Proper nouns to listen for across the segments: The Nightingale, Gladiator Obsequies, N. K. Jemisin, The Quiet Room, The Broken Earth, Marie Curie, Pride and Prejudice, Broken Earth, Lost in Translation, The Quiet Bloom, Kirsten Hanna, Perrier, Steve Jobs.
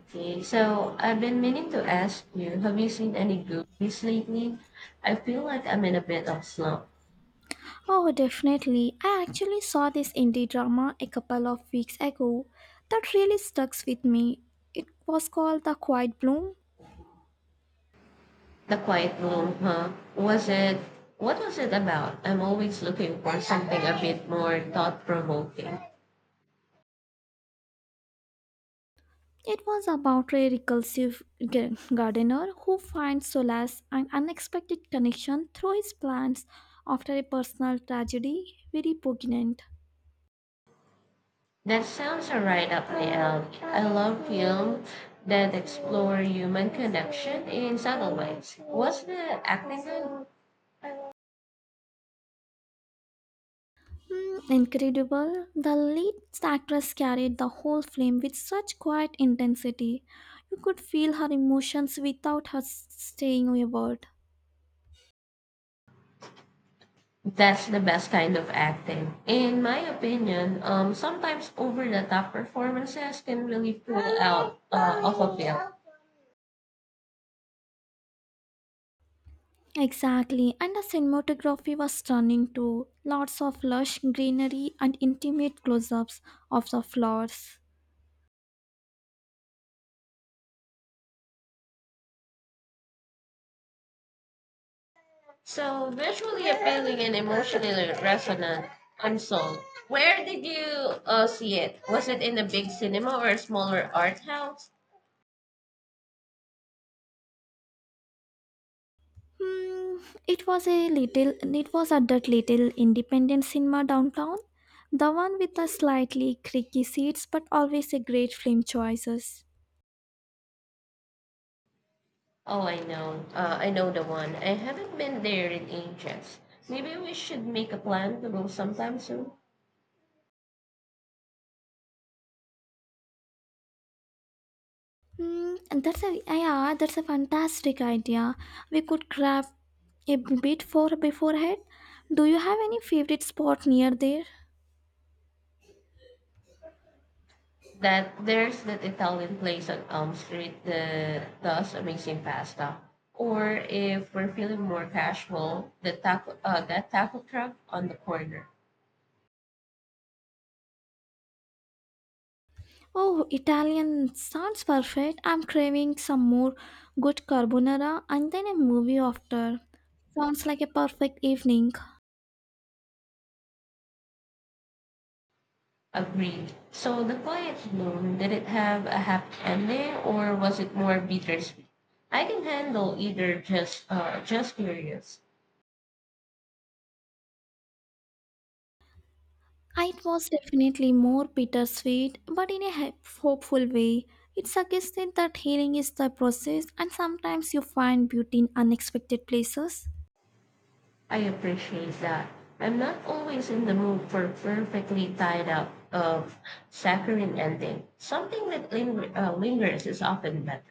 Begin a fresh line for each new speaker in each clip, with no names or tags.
Okay, so I've been meaning to ask you, have you seen any good movies lately? I feel like I'm in a bit of slump.
Oh, definitely. I actually saw this indie drama a couple of weeks ago that really stuck with me. It was called The Quiet Bloom.
The Quiet Room, huh? Was it? What was it about? I'm always looking for something a bit more thought-provoking.
It was about a reclusive gardener who finds solace and unexpected connection through his plants after a personal tragedy very poignant.
That sounds a right up my alley. I love films that explore human connection in subtle ways. Was the acting good?
Incredible. The lead actress carried the whole film with such quiet intensity. You could feel her emotions without her saying a word.
That's the best kind of acting. In my opinion, sometimes over the top performances can really pull out of a film.
Exactly, and the cinematography was stunning too. Lots of lush greenery and intimate close-ups of the flowers.
So, visually appealing and emotionally resonant, I'm sold. Where did you see it? Was it in a big cinema or a smaller art house?
Hmm, it was a little. It was at that little independent cinema downtown, the one with the slightly creaky seats, but always a great film choices.
Oh, I know. I know the one. I haven't been there in ages. Maybe we should make a plan to go sometime soon.
That's a Yeah, that's a fantastic idea. We could grab a bit for beforehand. Do you have any favorite spot near there?
That there's that Italian place on Elm Street that does amazing pasta. Or if we're feeling more casual, the taco that taco truck on the corner.
Oh, Italian sounds perfect. I'm craving some more good carbonara and then a movie after. Sounds like a perfect evening.
Agreed. So the quiet bloom, did it have a happy ending or was it more bittersweet? I can handle either, just curious.
It was definitely more bittersweet, but in a hopeful way. It suggested that healing is the process, and sometimes you find beauty in unexpected places.
I appreciate that. I'm not always in the mood for perfectly tied up of saccharine ending. Something that lingers is often better.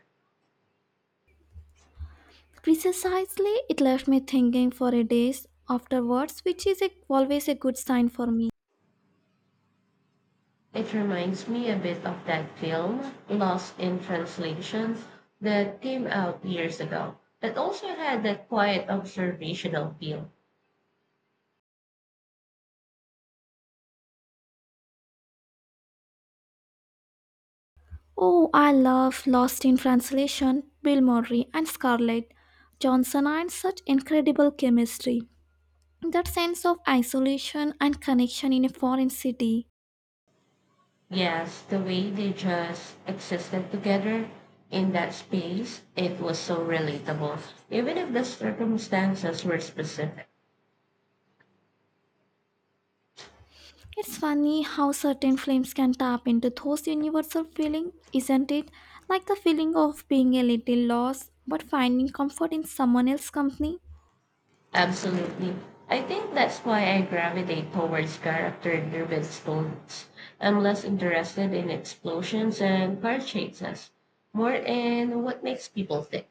Precisely, it left me thinking for a days afterwards, which is always a good sign for me.
It reminds me a bit of that film, Lost in Translation, that came out years ago. That also had that quiet observational feel.
Oh, I love Lost in Translation, Bill Murray and Scarlett Johnson, and such incredible chemistry. That sense of isolation and connection in a foreign city.
Yes, the way they just existed together in that space, it was so relatable, even if the circumstances were specific.
It's funny how certain films can tap into those universal feelings, isn't it? Like the feeling of being a little lost but finding comfort in someone else's company.
Absolutely. I think that's why I gravitate towards character driven stories. I'm less interested in explosions and car chases, more in what makes people think.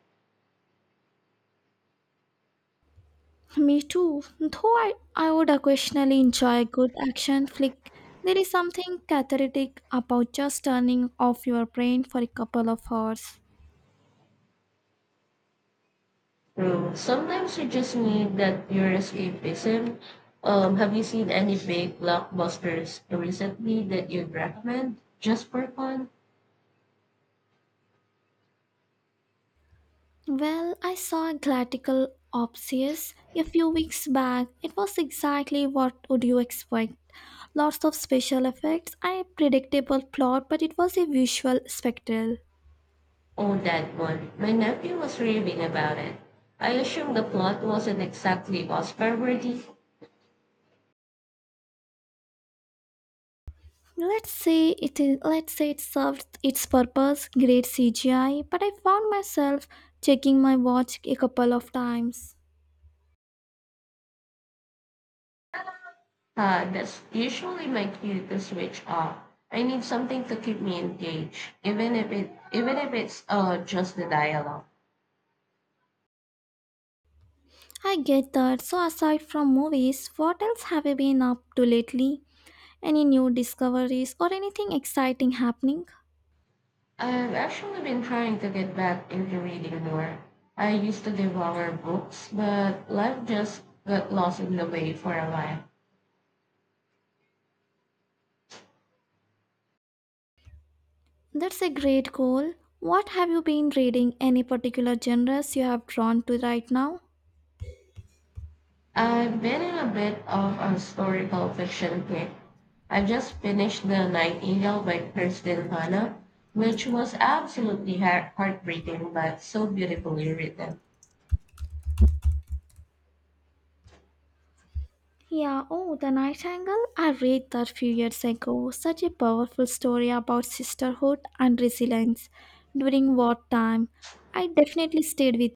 Me too. Though I would occasionally enjoy a good action flick, there is something cathartic about just turning off your brain for a couple of hours.
Mm, sometimes you just need that pure escapism. Have you seen any big blockbusters recently that you'd recommend just for fun?
Well, I saw Gladiator Obsequies a few weeks back. It was exactly what would you expect. Lots of special effects, a predictable plot, but it was a visual spectacle.
Oh, that one. My nephew was raving about it. I assume the plot wasn't exactly Oscar worthy.
Let's say it served its purpose, great CGI, but I found myself checking my watch a couple of times.
That's usually my cue to switch off. I need something to keep me engaged, even if it's just the dialogue.
I get that. So aside from movies, what else have you been up to lately? Any new discoveries or anything exciting happening?
I've actually been trying to get back into reading more. I used to devour books, but life just got lost in the way for a while.
That's a great goal. What have you been reading? Any particular genres you have drawn to right now?
I've been in a bit of a historical fiction kick. I just finished The Nightingale by Kirsten Hanna, which was absolutely heartbreaking but so beautifully written.
Yeah, oh, The Nightingale. I read that few years ago. Such a powerful story about sisterhood and resilience during wartime. I definitely stayed with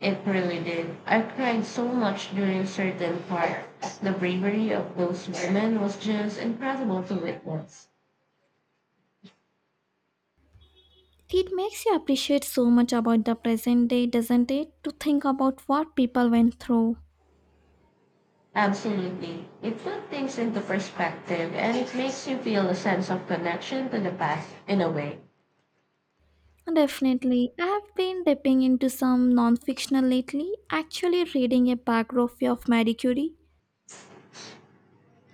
It really did. I cried so much during certain parts. The bravery of those women was just incredible to witness.
it. Makes you appreciate so much about the present day, doesn't it? To think about what people went through.
Absolutely. It put things into perspective and it makes you feel a sense of connection to the past in a way.
Definitely. I have been dipping into some non fictional lately, actually reading a biography of Marie Curie.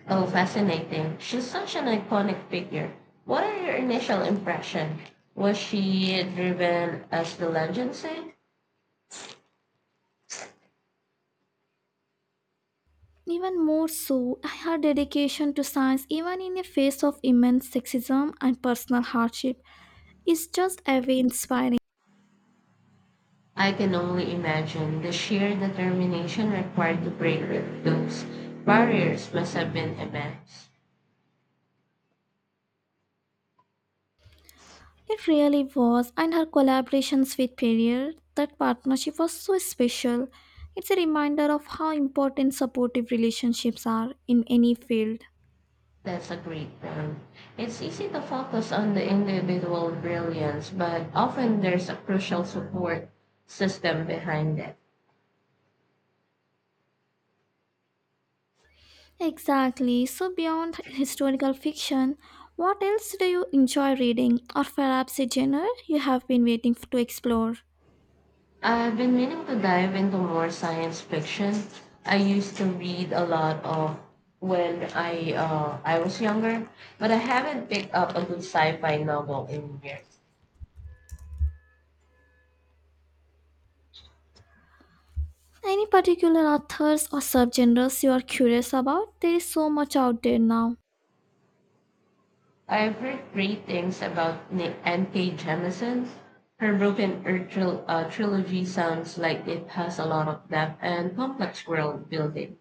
Oh, fascinating. She's such an iconic figure. What are your initial impression? Was she driven as the legends say?
Even more so, her dedication to science, even in the face of immense sexism and personal hardship, is just very inspiring.
I can only imagine the sheer determination required to break those barriers must have been immense.
It really was, and her collaborations with Perrier, that partnership was so special. It's a reminder of how important supportive relationships are in any field.
That's a great point. It's easy to focus on the individual brilliance, but often there's a crucial support system behind it.
Exactly. So, beyond historical fiction, what else do you enjoy reading, or perhaps a genre you have been waiting to explore?
I've been meaning to dive into more science fiction. I used to read a lot of when I was younger, but I haven't picked up a good sci-fi novel in years.
Any particular authors or subgenres you are curious about? There is so much out there now.
I've heard great things about N. K. Jemisin. Her Broken Earth trilogy sounds like it has a lot of depth and complex world building.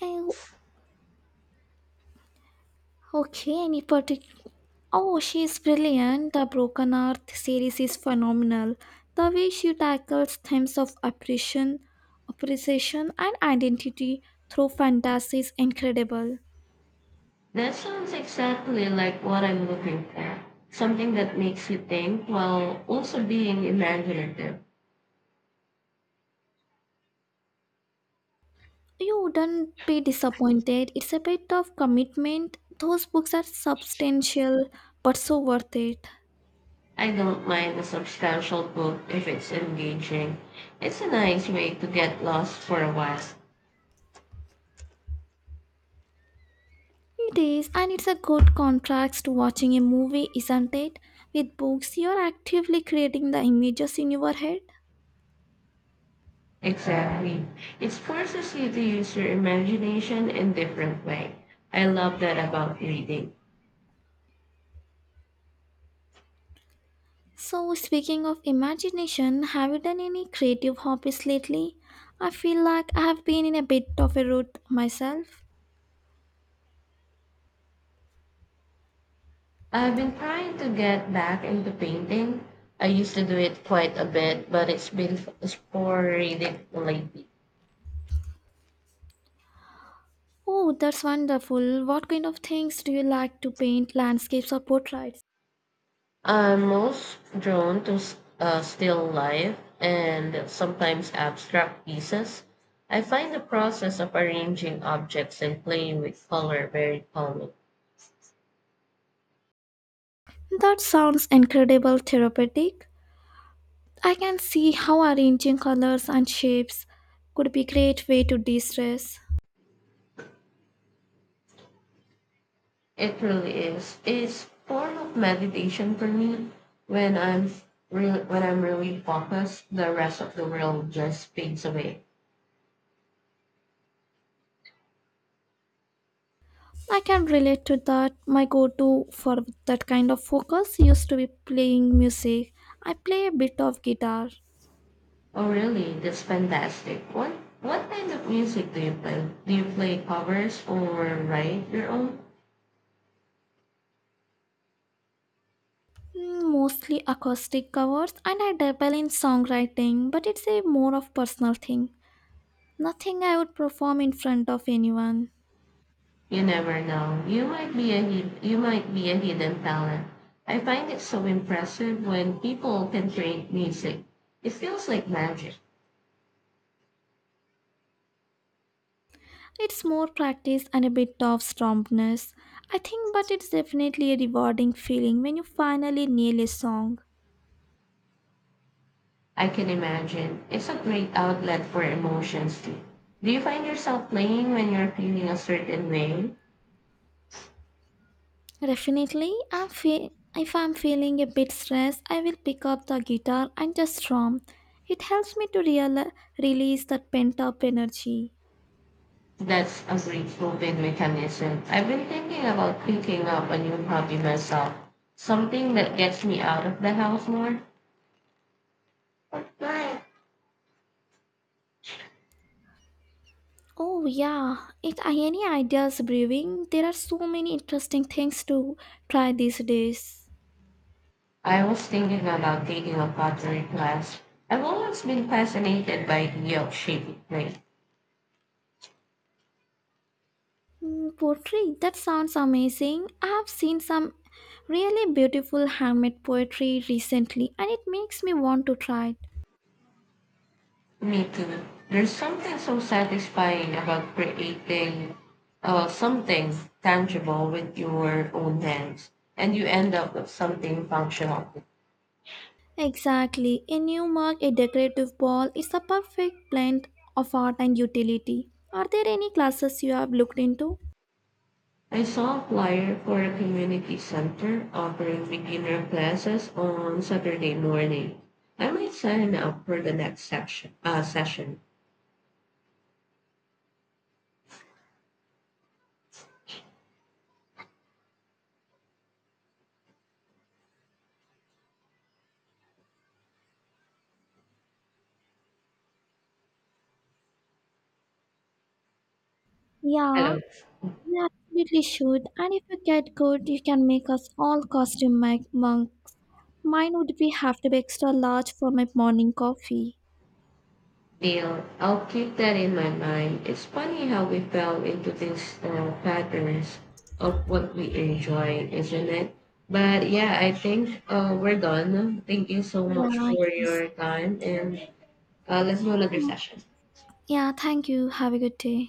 Oh, okay, any particular? Oh, she is brilliant. The Broken Earth series is phenomenal. The way she tackles themes of oppression, appreciation, and identity through fantasy is incredible.
That sounds exactly like what I'm looking for. Something that makes you think while also being imaginative.
You wouldn't be disappointed. It's a bit of commitment. Those books are substantial, but so worth it.
I don't mind a substantial book if it's engaging. It's a nice way to get lost for a while.
It is, and it's a good contrast to watching a movie, isn't it? With books, you're actively creating the images in your head.
Exactly. It forces you to use your imagination in different way. I love that about reading.
So, speaking of imagination, have you done any creative hobbies lately? I feel like I have been in a bit of a rut myself.
I've been trying to get back into painting. I used to do it quite a bit, but it's been sporadic lately.
Oh, that's wonderful. What kind of things do you like to paint, landscapes or portraits?
I'm most drawn to still life and sometimes abstract pieces. I find the process of arranging objects and playing with color very calming.
That sounds incredible therapeutic. I can see how arranging colors and shapes could be a great way to de-stress.
It really is. It's form of meditation for me. When I'm when I'm really focused, the rest of the world just fades away.
I can relate to that. My go-to for that kind of focus used to be playing music. I play a bit of guitar.
Oh, really? That's fantastic. What kind of music do you play? Do you play covers or write your own?
Mostly acoustic covers, and I dabble in songwriting, but it's a more of personal thing. Nothing I would perform in front of anyone.
You never know. You might be a hidden talent. I find it so impressive when people can create music. It feels like magic.
It's more practice and a bit of strumness, I think, but it's definitely a rewarding feeling when you finally nail a song.
I can imagine. It's a great outlet for emotions too. Do you find yourself playing when you're feeling a certain way?
Definitely, if I'm feeling a bit stressed, I will pick up the guitar and just strum. It helps me to release that pent up energy.
That's a great coping mechanism. I've been thinking about picking up a new hobby myself, something that gets me out of the house more. Right.
Oh, yeah. If any ideas brewing, there are so many interesting things to try these days.
I was thinking about taking a pottery class. I've always been fascinated by the of shaping clay.
Pottery, that sounds amazing. I have seen some really beautiful handmade poetry recently, and it makes me want to try it.
Me too. There's something so satisfying about creating something tangible with your own hands, and you end up with something functional.
Exactly. In Newmark, a decorative ball is a perfect blend of art and utility. Are there any classes you have looked into?
I saw a flyer for a community center offering beginner classes on Saturday morning. I might sign up for the next session. Hello.
Yeah, you absolutely should. And if you get good, you can make us all costume monk. Mine would be have to be extra large for my morning coffee.
Deal. I'll keep that in my mind. It's funny how we fell into these patterns of what we enjoy, isn't it? But yeah, I think we're done. Thank you so much
Yeah, it
for
is.
your time, and let's do another session.
Yeah, thank you. Have a good day.